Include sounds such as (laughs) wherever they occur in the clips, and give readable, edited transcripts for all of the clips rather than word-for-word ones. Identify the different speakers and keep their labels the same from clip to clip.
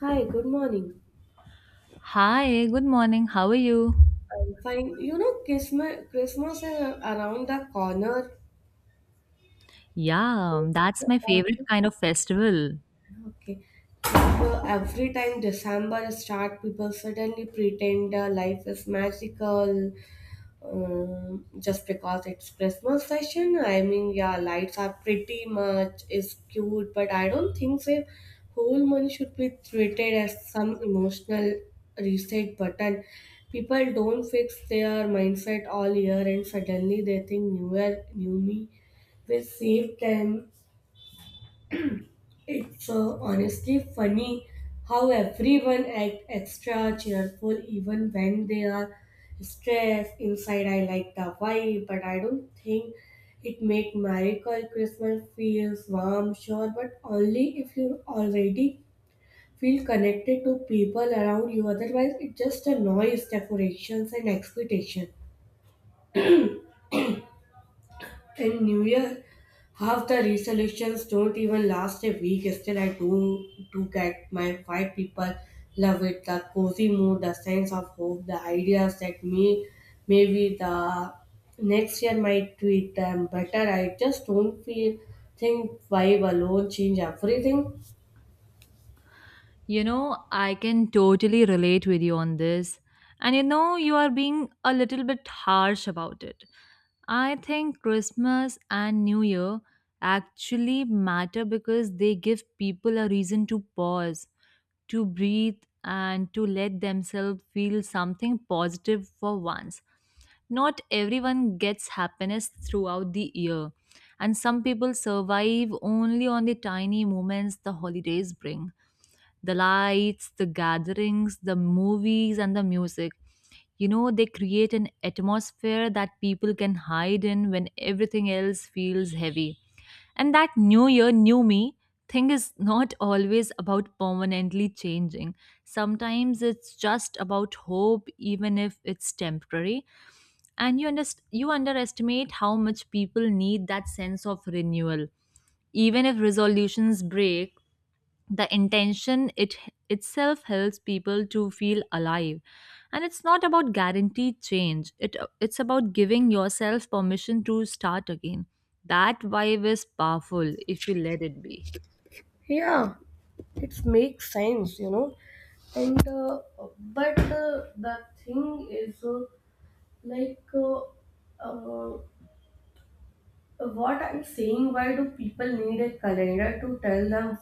Speaker 1: Hi, good morning.
Speaker 2: Hi, good morning. How are you?
Speaker 1: I'm fine. You know, Christmas is around the corner.
Speaker 2: Yeah, that's my favorite kind of festival.
Speaker 1: Okay. So every time December start, people suddenly pretend life is magical just because it's Christmas session. I mean, yeah, lights are pretty much is cute, but I don't think so. Whole month should be treated as some emotional reset button. People don't fix their mindset all year, and suddenly they think New Year, New Me will save them. It's honestly funny how everyone act extra cheerful even when they are stressed inside. I like the vibe, but I don't think it make miracle. Christmas feels warm, sure, but only if you already feel connected to people around you. Otherwise, it's just a noise, decorations, and expectation. In New Year, half the resolutions don't even last a week. Still, I do get my five people love it. The cozy mood, the sense of hope, the ideas that maybe the next year might treat them better. I just don't feel think vibe alone change everything.
Speaker 2: You know, I can totally relate with you on this. And you know, you are being a little bit harsh about it. I think Christmas and New Year actually matter because they give people a reason to pause, to breathe, and to let themselves feel something positive for once. Not everyone gets happiness throughout the year, and some people survive only on the tiny moments the holidays bring, the lights, the gatherings, the movies, and the music. You know, they create an atmosphere that people can hide in when everything else feels heavy. And that new year, new me thing is not always about permanently changing. Sometimes it's just about hope, even if it's temporary. And you underestimate how much people need that sense of renewal. Even if resolutions break, the intention it itself helps people to feel alive, and it's not about guaranteed change, it's about giving yourself permission to start again. That vibe is powerful if you let it be.
Speaker 1: Yeah, it makes sense, you know. And but the thing is like uh, uh, What I'm saying, why do people need a calendar to tell them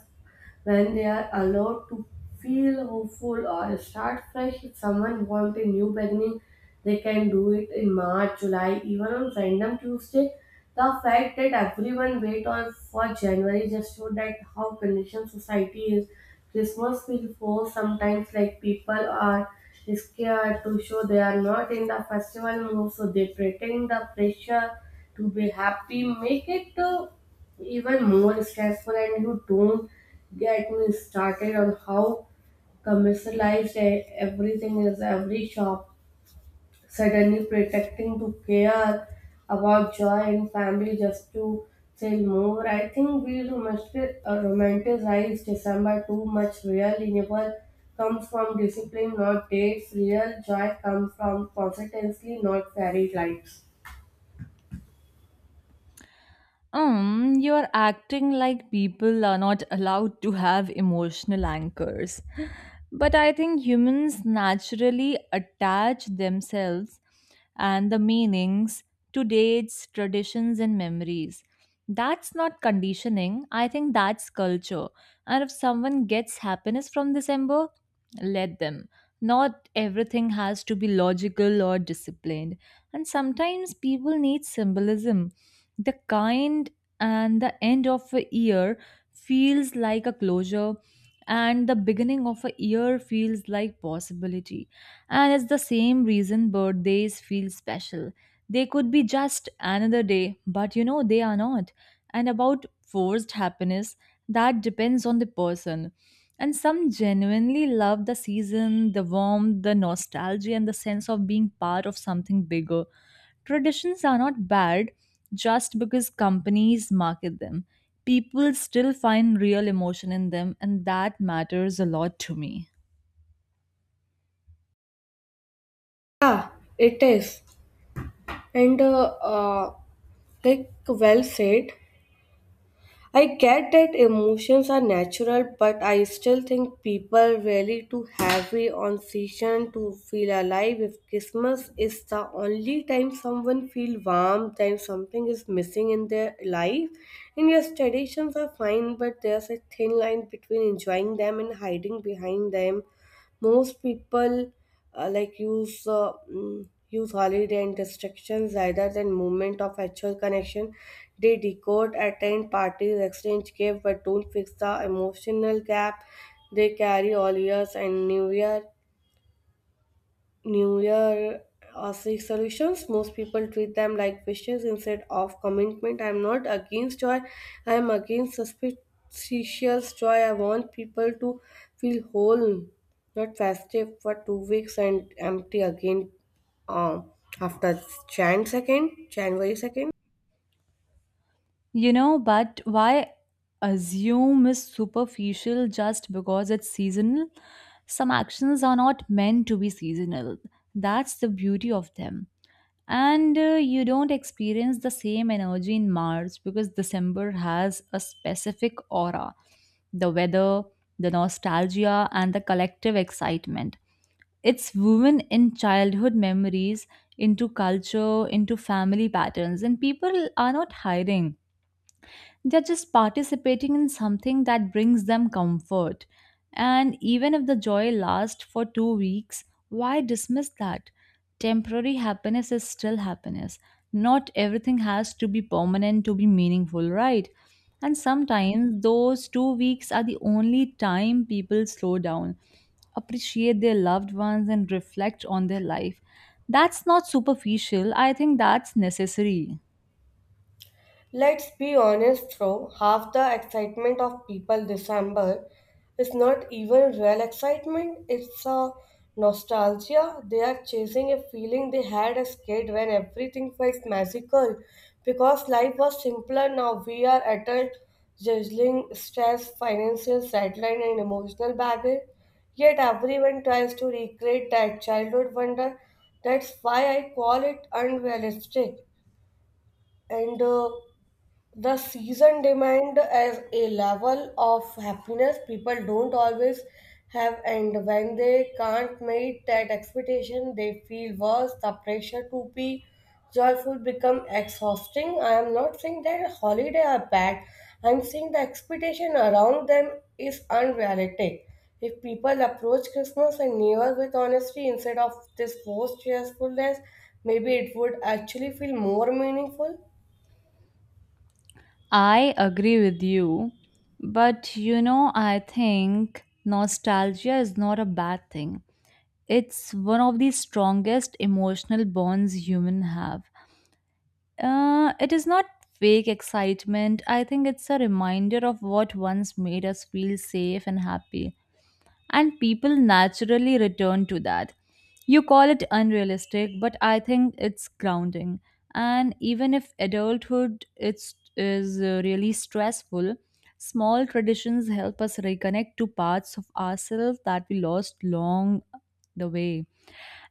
Speaker 1: when they are allowed to feel hopeful or start fresh? If someone wants a new beginning, they can do it in March, July, even on random Tuesday. The fact that everyone wait on for January just show that how conditioned society is. Christmas feels forced sometimes, like people are scared to show they are not in the festival mood, so they pretend the pressure to be happy, make it even more stressful, and you don't get me started on how commercialized everything is, every shop suddenly pretending to care about joy in family just to sell more. I think we romanticize December too much. Real renewal comes from discipline, not dates. Real joy comes from consistency, not fairy lights.
Speaker 2: You're acting like people are not allowed to have emotional anchors. But I think humans naturally attach themselves and the meanings to dates, traditions, and memories. That's not conditioning. I think that's culture. And if someone gets happiness from December, let them. Not everything has to be logical or disciplined. And sometimes people need symbolism, the kind, and the end of a year feels like a closure, and the beginning of a year feels like possibility. And it's the same reason birthdays feel special. They could be just another day, but you know they are not. And about forced happiness, that depends on the person, and some genuinely love the season, the warmth, the nostalgia, and the sense of being part of something bigger. Traditions are not bad just because companies market them. People still find real emotion in them, and that matters a lot to me.
Speaker 1: Yeah, it is. And like well said, I get that emotions are natural, but I still think people really too heavy on season to feel alive. If Christmas is the only time someone feel warm, then something is missing in their life. And yes, traditions are fine, but there's a thin line between enjoying them and hiding behind them. Most people like use holiday and distractions rather than movement of actual connection. They decode, attend parties, exchange gifts, but don't fix the emotional gap they carry all years and New Year. New Year or seek solutions. Most people treat them like wishes instead of commitment. I'm not against joy, I'm against suspicious joy. I want people to feel whole, not festive for 2 weeks and empty again um, after Jan 2nd, January 2nd.
Speaker 2: You know, but why assume is superficial just because it's seasonal? Some actions are not meant to be seasonal. That's the beauty of them. And you don't experience the same energy in March because December has a specific aura, the weather, the nostalgia, and the collective excitement. It's woven in childhood memories, into culture, into family patterns, and people are not hiding. They're just participating in something that brings them comfort. And even if the joy lasts for 2 weeks, why dismiss that? Temporary happiness is still happiness. Not everything has to be permanent to be meaningful, right? And sometimes those 2 weeks are the only time people slow down, appreciate their loved ones, and reflect on their life. That's not superficial, I think that's necessary.
Speaker 1: Let's be honest though, half the excitement of people December is not even real excitement, it's a nostalgia. They are chasing a feeling they had as kid when everything felt magical because life was simpler now. We are adult juggling stress, financial deadline and emotional baggage. Yet everyone tries to recreate that childhood wonder. That's why I call it unrealistic. And the season demand as a level of happiness people don't always have, and when they can't meet that expectation, they feel worse. The pressure to be joyful become exhausting. I am not saying that holiday are bad. I'm saying the expectation around them is unrealistic. If people approach Christmas and New Year with honesty instead of this forced cheerfulness, maybe it would actually feel more meaningful.
Speaker 2: I agree with you, but you know, I think nostalgia is not a bad thing. It's one of the strongest emotional bonds humans have. It is not fake excitement. I think it's a reminder of what once made us feel safe and happy, and people naturally return to that. You call it unrealistic, but I think it's grounding. And even if adulthood is really stressful, small traditions help us reconnect to parts of ourselves that we lost long the way.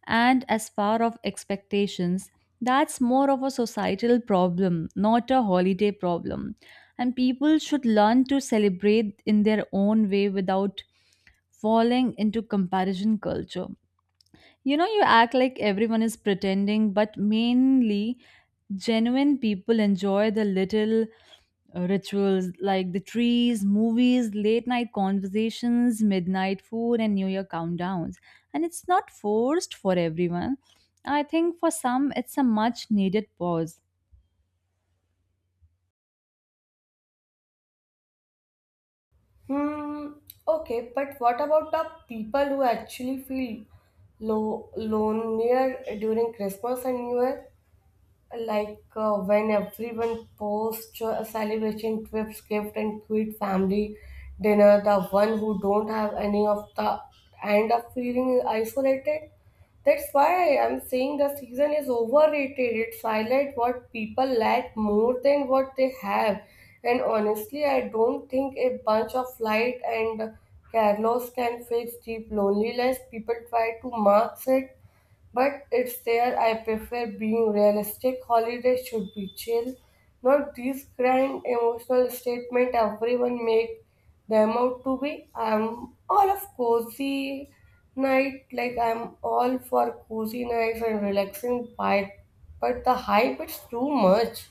Speaker 2: And as far of expectations, that's more of a societal problem, not a holiday problem. And people should learn to celebrate in their own way without falling into comparison culture. You know, you act like everyone is pretending, but mainly genuine people enjoy the little rituals like the trees, movies, late night conversations, midnight food, and New Year countdowns. And it's not forced for everyone. I think for some, it's a much needed pause.
Speaker 1: Hmm, okay, but what about the people who actually feel lonelier during Christmas and New Year? Like, when everyone posts a celebration trips gift and cute family dinner, the one who don't have any of the end up feeling isolated. That's why I'm saying the season is overrated. It's highlight what people lack more than what they have. And honestly, I don't think a bunch of light and carlos can fix deep loneliness. People try to mask it, but it's there. I prefer being realistic. Holidays should be chill, not these grand emotional statement everyone make them out to be. I'm all for cozy nights and relaxing vibe, but the hype is too much.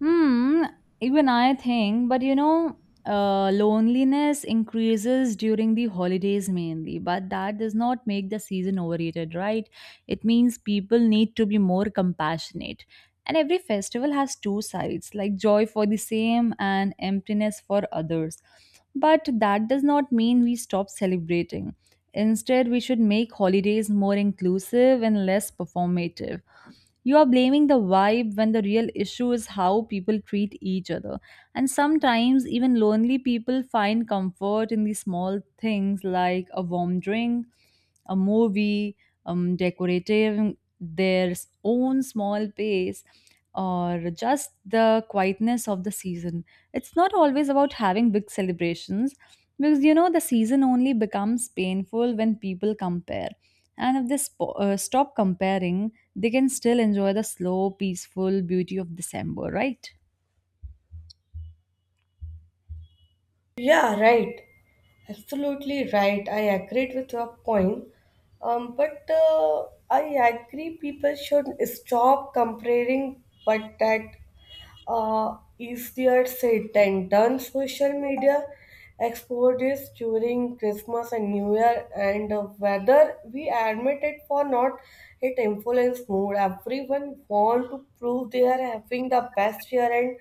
Speaker 2: Hmm, even I think, but you know, loneliness increases during the holidays mainly, but that does not make the season overrated, right? It means people need to be more compassionate. And every festival has two sides, like joy for the same and emptiness for others. But that does not mean we stop celebrating. Instead, we should make holidays more inclusive and less performative. You are blaming the vibe when the real issue is how people treat each other. And sometimes, even lonely people find comfort in these small things like a warm drink, a movie, decorating their own small pace, or just the quietness of the season. It's not always about having big celebrations, because you know the season only becomes painful when people compare. And if they stop comparing, they can still enjoy the slow, peaceful beauty of December, right?
Speaker 1: Yeah, right. Absolutely right. I agreed with your point. But I agree people should stop comparing, but that easier said than done. Social media exposures during Christmas and New Year, and whether we admit it or not, it influences mood. Everyone want to prove they are having the best year, and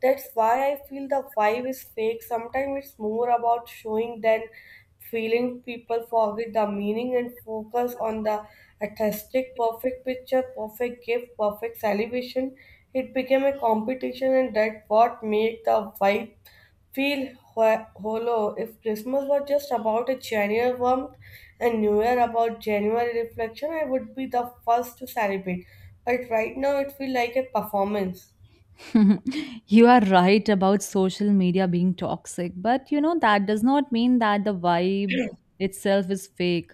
Speaker 1: that's why I feel the vibe is fake. Sometimes it's more about showing than feeling. People forget the meaning and focus on the artistic, perfect picture, perfect gift, perfect celebration. It became a competition, and that what made the vibe feel hollow. If Christmas was just about a genuine warmth and New Year about genuine reflection, I would be the first to celebrate. But right now, it feels like a performance.
Speaker 2: (laughs) You are right about social media being toxic, but you know, that does not mean that the vibe itself is fake,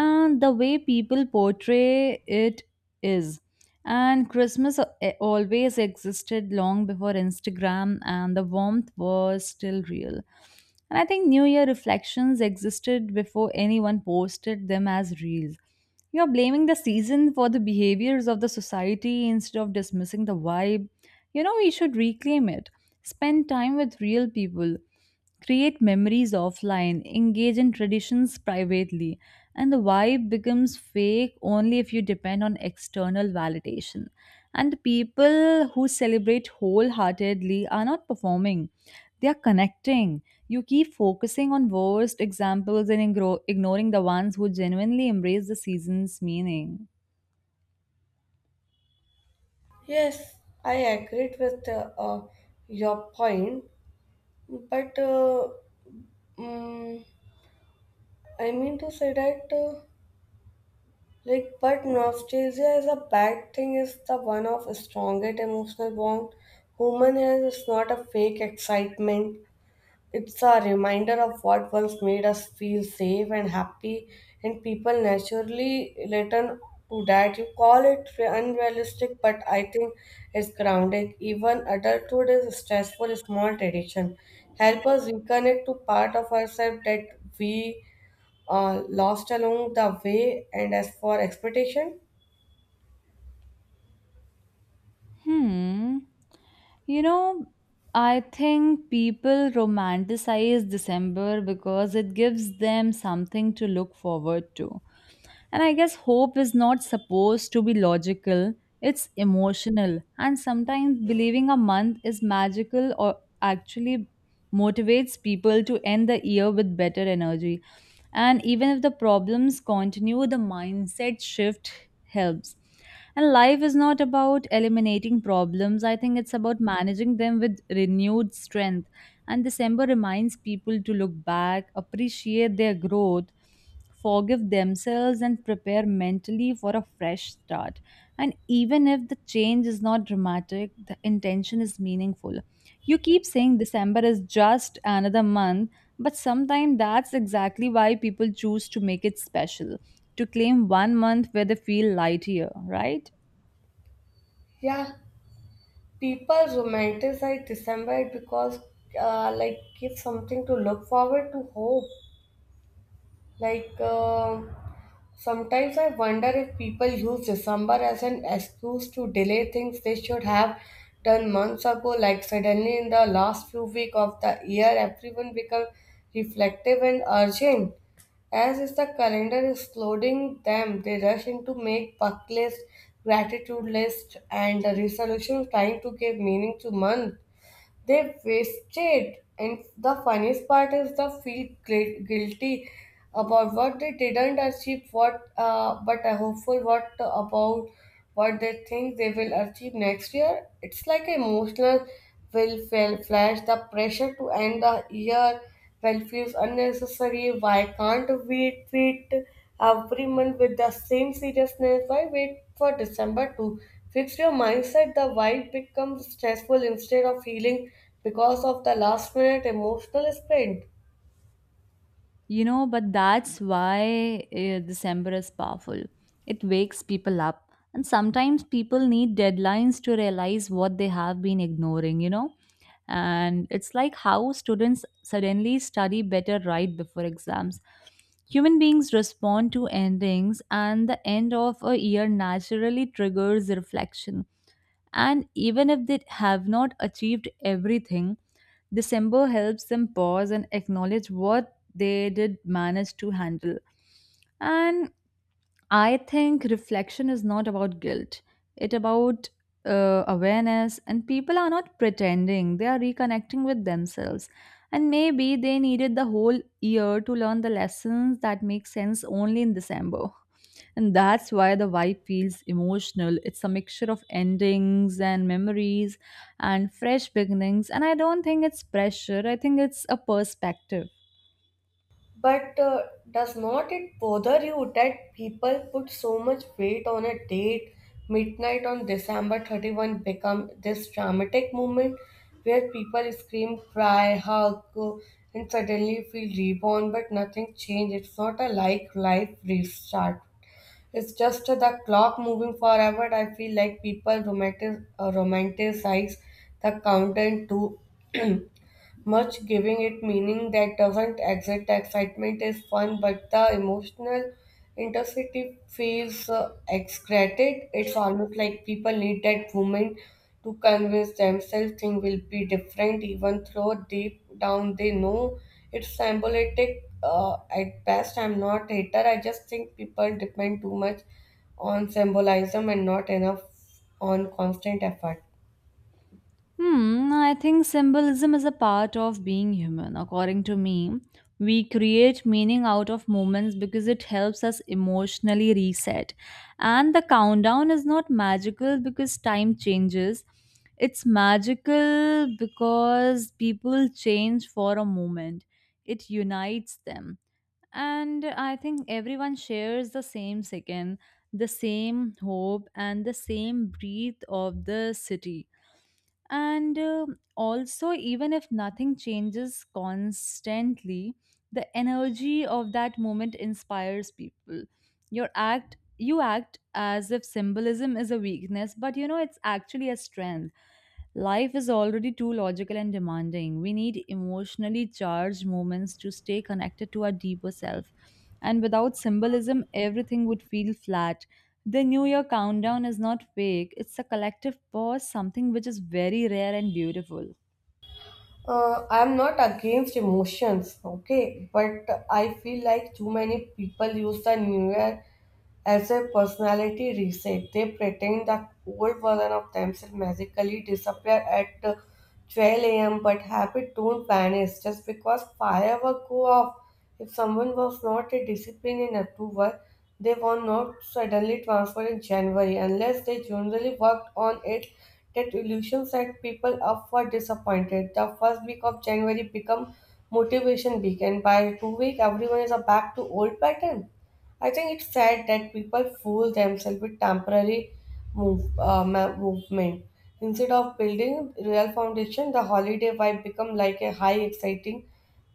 Speaker 2: and the way people portray it is. And Christmas always existed long before Instagram, and the warmth was still real. And I think new year reflections existed before anyone posted them as reels. You're blaming the season for the behaviors of the society. Instead of dismissing the vibe, you know we should reclaim it, spend time with real people, create memories offline, engage in traditions privately, and the vibe becomes fake only if you depend on external validation. And the people who celebrate wholeheartedly are not performing, they are connecting. You keep focusing on worst examples and ignoring the ones who genuinely embrace the season's meaning.
Speaker 1: Yes, I agreed with your point, but mm, I mean to say that, like, but nostalgia is a bad thing is the one of strongest emotional bond. Human has is not a fake excitement. It's a reminder of what once made us feel safe and happy, and people naturally return to that. You call it unrealistic, but I think it's grounding. Even adulthood is a stressful, small tradition. Help us reconnect to part of ourselves that we lost along the way. And as for expectation,
Speaker 2: Hmm. You know, I think people romanticize December because it gives them something to look forward to. And I guess hope is not supposed to be logical, it's emotional. And sometimes believing a month is magical or actually motivates people to end the year with better energy. And even if the problems continue, the mindset shift helps. And life is not about eliminating problems, I think it's about managing them with renewed strength. And December reminds people to look back, appreciate their growth, forgive themselves, and prepare mentally for a fresh start. And even if the change is not dramatic, the intention is meaningful. You keep saying December is just another month, but sometimes that's exactly why people choose to make it special, to claim one month where they feel lighter, right?
Speaker 1: yeah, people romanticize December because like give something to look forward to, hope. Like, sometimes I wonder if people use December as an excuse to delay things they should have done months ago. Like, suddenly in the last few weeks of the year, everyone becomes reflective and urgent. As is the calendar is loading them, they rush into make bucket list, gratitude list, and the resolution trying to give meaning to month. They wasted, and the funniest part is the feel guilty about what they didn't achieve. What, but are hopeful what about what they think they will achieve next year. It's like emotional will fail flash. The pressure to end the year well feels unnecessary. Why can't we treat every month with the same seriousness? Why wait for December to fix your mindset? The vibe becomes stressful instead of healing because of the last minute emotional sprint.
Speaker 2: You know, but that's why December is powerful. It wakes people up. And sometimes people need deadlines to realize what they have been ignoring, you know? And it's like how students suddenly study better right before exams. Human beings respond to endings, and the end of a year naturally triggers reflection. And even if they have not achieved everything, December helps them pause and acknowledge what they did manage to handle. And I think reflection is not about guilt. It' about awareness, and people are not pretending. They are reconnecting with themselves. And maybe they needed the whole year to learn the lessons that make sense only in December. And that's why the vibe feels emotional. It's a mixture of endings and memories and fresh beginnings. And I don't think it's pressure, I think it's a perspective.
Speaker 1: But does not it bother you that people put so much weight on a date? Midnight on December 31 become this dramatic moment where people scream, cry, hug, and suddenly feel reborn, but nothing changed. It's not a like life restart. It's just the clock moving forever. I feel like people romanticize the countdown too (clears throat) much, giving it meaning that doesn't exist. Excitement is fun, but the emotional intensity feels exaggerated. It's almost like people need that moment to convince themselves things will be different, even though deep down they know it's symbolic. At best, I'm not hater. I just think people depend too much on symbolism and not enough on constant effort.
Speaker 2: Hmm, I think symbolism is a part of being human. According to me, we create meaning out of moments because it helps us emotionally reset. And the countdown is not magical because time changes. It's magical because people change for a moment. It unites them. And I think everyone shares the same second, the same hope, and the same breath of the city. And also, even if nothing changes constantly, the energy of that moment inspires people. You act as if symbolism is a weakness, but you know it's actually a strength. Life is already too logical and demanding. We need emotionally charged moments to stay connected to our deeper self. And without symbolism, everything would feel flat. The New Year countdown is not fake, it's a collective pause, something which is very rare and beautiful.
Speaker 1: I'm not against emotions, okay, but I feel like too many people use the new year as a personality reset. They pretend the old version of themselves magically disappear at 12 a.m., but habits don't vanish just because fireworks go off. If someone was not a discipline in October, they were not suddenly transferred in January unless they generally worked on it. That illusions that people up for disappointed. The first week of January become motivation week and by 2 week everyone is back to old pattern. I think it's sad that people fool themselves with temporary movement. Instead of building real foundation, the holiday vibe become like a high exciting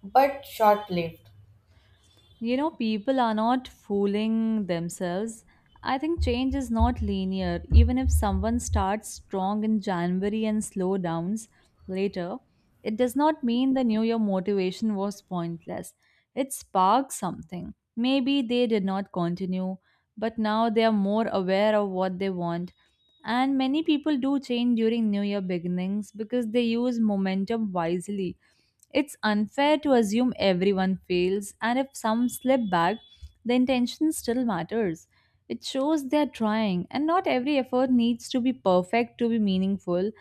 Speaker 1: but short lived.
Speaker 2: You know, people are not fooling themselves. I think change is not linear. Even if someone starts strong in January and slow downs later, it does not mean the New Year motivation was pointless. It sparked something. Maybe they did not continue, but now they are more aware of what they want. And many people do change during New Year beginnings because they use momentum wisely. It's unfair to assume everyone fails, and if some slip back, the intention still matters. It shows they're trying, and not every effort needs to be perfect to be meaningful,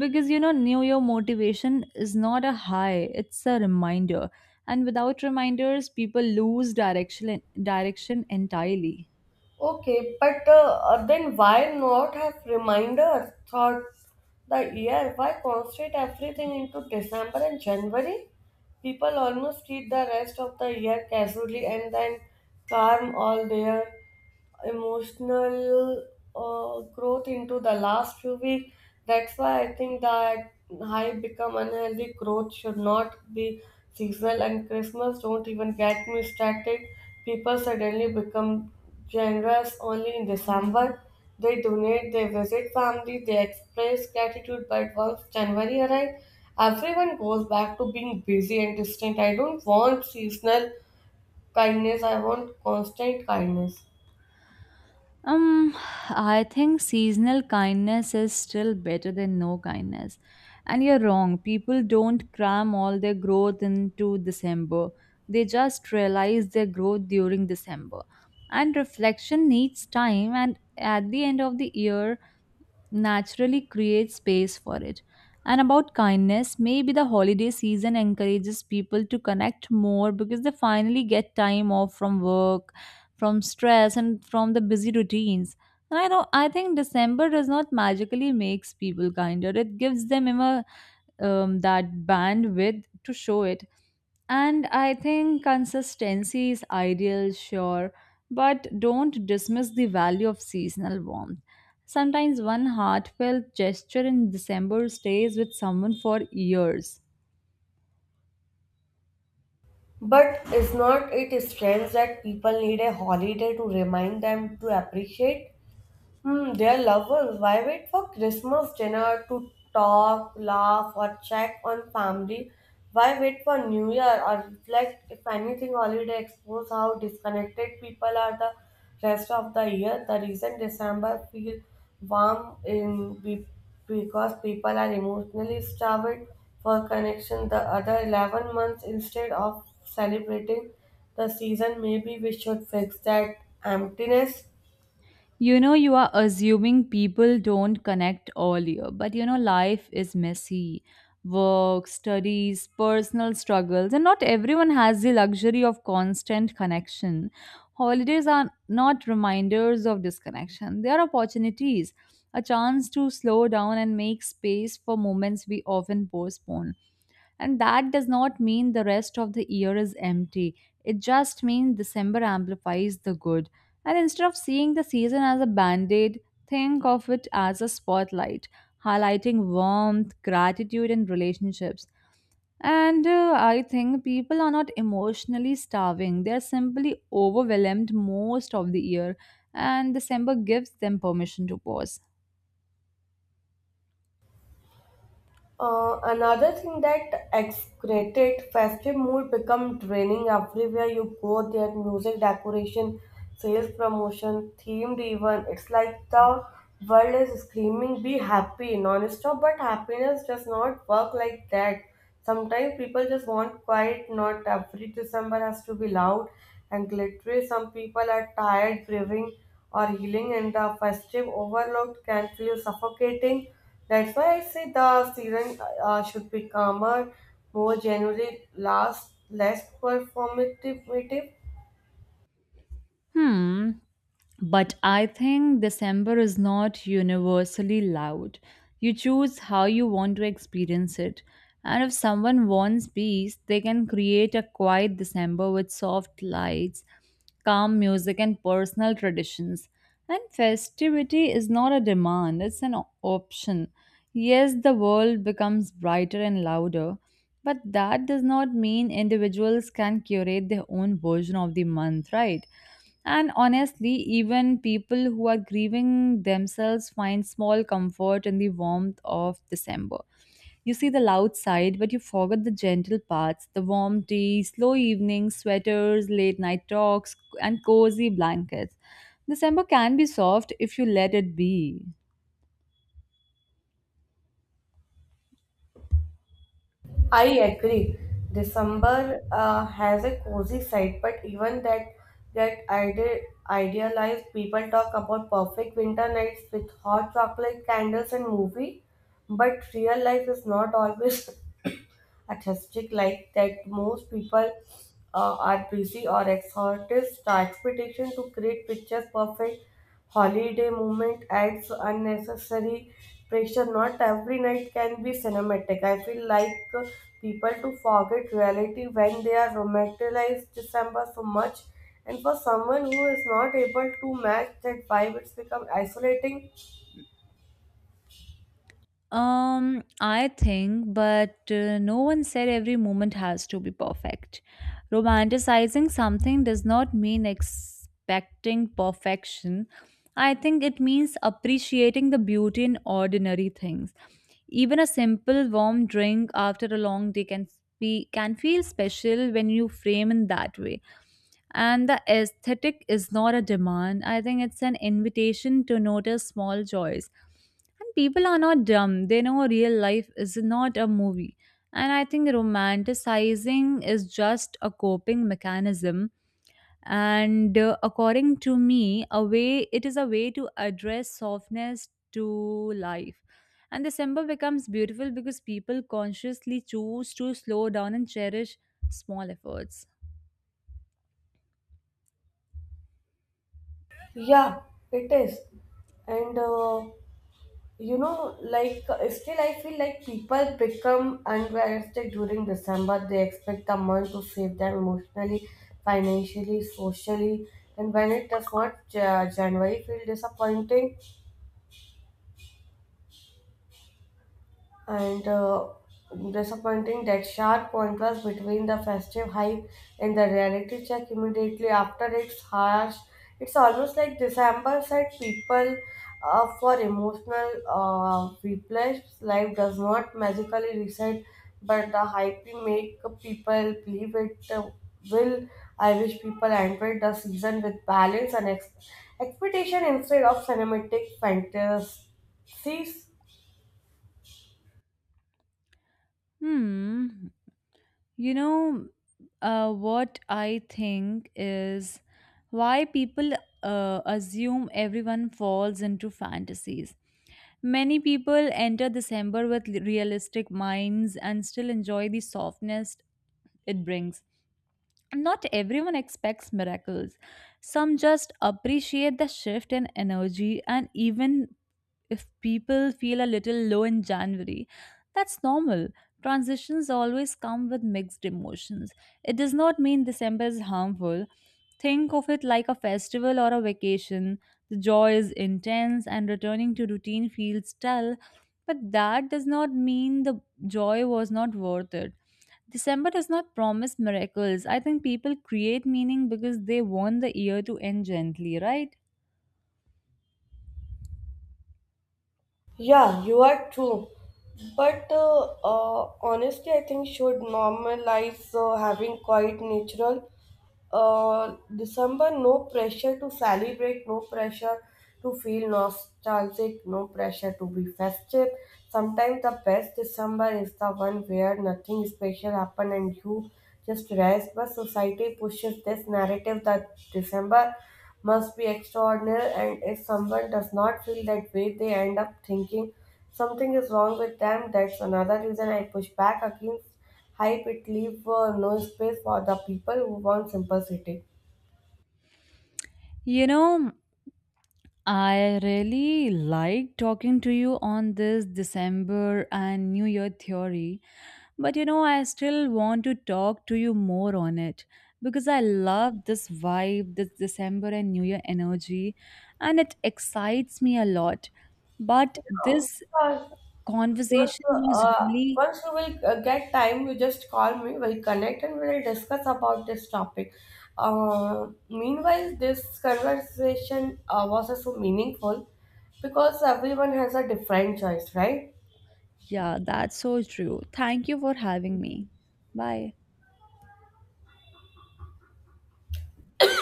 Speaker 2: because you know, New Year motivation is not a high, it's a reminder. And without reminders, people lose direction entirely.
Speaker 1: Okay, but then why not have reminders throughout the year? Why concentrate everything into December and January? People almost treat the rest of the year casually and then calm all their emotional growth into the last few weeks. That's why I think that high become unhealthy growth should not be seasonal, and Christmas don't even get me started. People suddenly become generous only in December. They donate, they visit family, they express gratitude, but once January arrives, everyone goes back to being busy and distant. I don't want seasonal kindness, I want constant kindness.
Speaker 2: Um, I think seasonal kindness is still better than no kindness. And you're wrong. People don't cram all their growth into December. They just realize their growth during December. And reflection needs time. And at the end of the year, naturally create space for it. And about kindness, maybe the holiday season encourages people to connect more because they finally get time off from work, from stress, and from the busy routines. And I know I think December does not magically makes people kinder. It gives them a that bandwidth to show it. And I think consistency is ideal, sure, but don't dismiss the value of seasonal warmth. Sometimes one heartfelt gesture in December stays with someone for years.
Speaker 1: But is not it strange that people need a holiday to remind them to appreciate? Hmm, dear loved ones, why wait for Christmas dinner to talk, laugh, or check on family? Why wait for New Year or reflect if anything holiday expose how disconnected people are the rest of the year? The reason December feel warm because people are emotionally starved for connection the other 11 months instead of celebrating the season. Maybe we should fix that emptiness.
Speaker 2: You are assuming people don't connect earlier, but life is messy. Work, studies, personal struggles, and not everyone has the luxury of constant connection. Holidays are not reminders of disconnection, they are opportunities, a chance to slow down and make space for moments we often postpone. And that does not mean the rest of the year is empty. It just means December amplifies the good. And instead of seeing the season as a band aid, think of it as a spotlight, highlighting warmth, gratitude, and relationships. And I think people are not emotionally starving, they're simply overwhelmed most of the year, and December gives them permission to pause.
Speaker 1: Another thing that exaggerated festive mood become draining everywhere you go. There music, decoration, sales promotion, themed even. It's like the world is screaming, "Be happy!" non-stop. But happiness does not work like that. Sometimes people just want quiet. Not every December has to be loud and glittery. Some people are tired, grieving or healing, and the festive overload can feel suffocating. That's why I say the season should be calmer, more January, last less performative.
Speaker 2: Hmm. But I think December is not universally loud. You choose how you want to experience it. And if someone wants peace, they can create a quiet December with soft lights, calm music, and personal traditions. And festivity is not a demand, it's an option. Yes, the world becomes brighter and louder, but that does not mean individuals can curate their own version of the month, right? And honestly, even people who are grieving themselves find small comfort in the warmth of December. You see the loud side, but you forget the gentle parts, the warm tea, slow evenings, sweaters, late night talks, and cozy blankets. December can be soft if you let it be.
Speaker 1: I agree. December has a cozy side, but even that idealized people talk about perfect winter nights with hot chocolate candles and movie, but real life is not always (coughs) artistic like that. Most people are busy or exhausted. The expectation to create pictures perfect holiday movement adds unnecessary pressure. Not every night can be cinematic. I feel like people to forget reality when they are romanticized December so much. And for someone who is not able to match that vibe, it's become isolating.
Speaker 2: I think, but no one said every moment has to be perfect. Romanticizing something does not mean expecting perfection. I think it means appreciating the beauty in ordinary things. Even a simple warm drink after a long day can be can feel special when you frame in that way. And the aesthetic is not a demand. I think it's an invitation to notice small joys, and people are not dumb. They know real life is not a movie. And I think romanticizing is just a coping mechanism. And According to me, a way it is a way to address softness to life. And December becomes beautiful because people consciously choose to slow down and cherish small efforts.
Speaker 1: Yeah, it is. And like still I feel like people become unrealistic during December. They expect the month to save them emotionally, financially, socially, and when it does not, January feel disappointing. And disappointing that sharp contrast between the festive hype and the reality check immediately after it's harsh. It's almost like December set people up for emotional replays. Life does not magically reset, but the hype we make people believe it will. I wish people entered the season with balance and expectation instead of cinematic fantasies.
Speaker 2: Hmm. You know, what I think is why people assume everyone falls into fantasies. Many people enter December with realistic minds and still enjoy the softness it brings. Not everyone expects miracles. Some just appreciate the shift in energy, and even if people feel a little low in January, that's normal. Transitions always come with mixed emotions. It does not mean December is harmful. Think of it like a festival or a vacation. The joy is intense and returning to routine feels dull, but that does not mean the joy was not worth it. December does not promise miracles. I think people create meaning because they want the year to end gently, right?
Speaker 1: Yeah, you are true. But honestly, I think should normalize having quite natural December, no pressure to celebrate, no pressure to feel nostalgic, no pressure to be festive. Sometimes the best December is the one where nothing special happens and you just rest. But society pushes this narrative that December must be extraordinary, and if someone does not feel that way, they end up thinking something is wrong with them. That's another reason I push back against hype. It leave no space for the people who want simplicity.
Speaker 2: You know, I really like talking to you on this December and New Year theory, but I still want to talk to you more on it because I love this vibe, this December and New Year energy, and it excites me a lot. But
Speaker 1: Oh,
Speaker 2: this
Speaker 1: sure. Once,
Speaker 2: conversation was
Speaker 1: uh,
Speaker 2: really,
Speaker 1: once you will get time, you just call me. We'll connect and we'll discuss about this topic. Meanwhile, this conversation was so meaningful because everyone has a different choice, right?
Speaker 2: yeah, that's so true. Thank you for having me. Bye.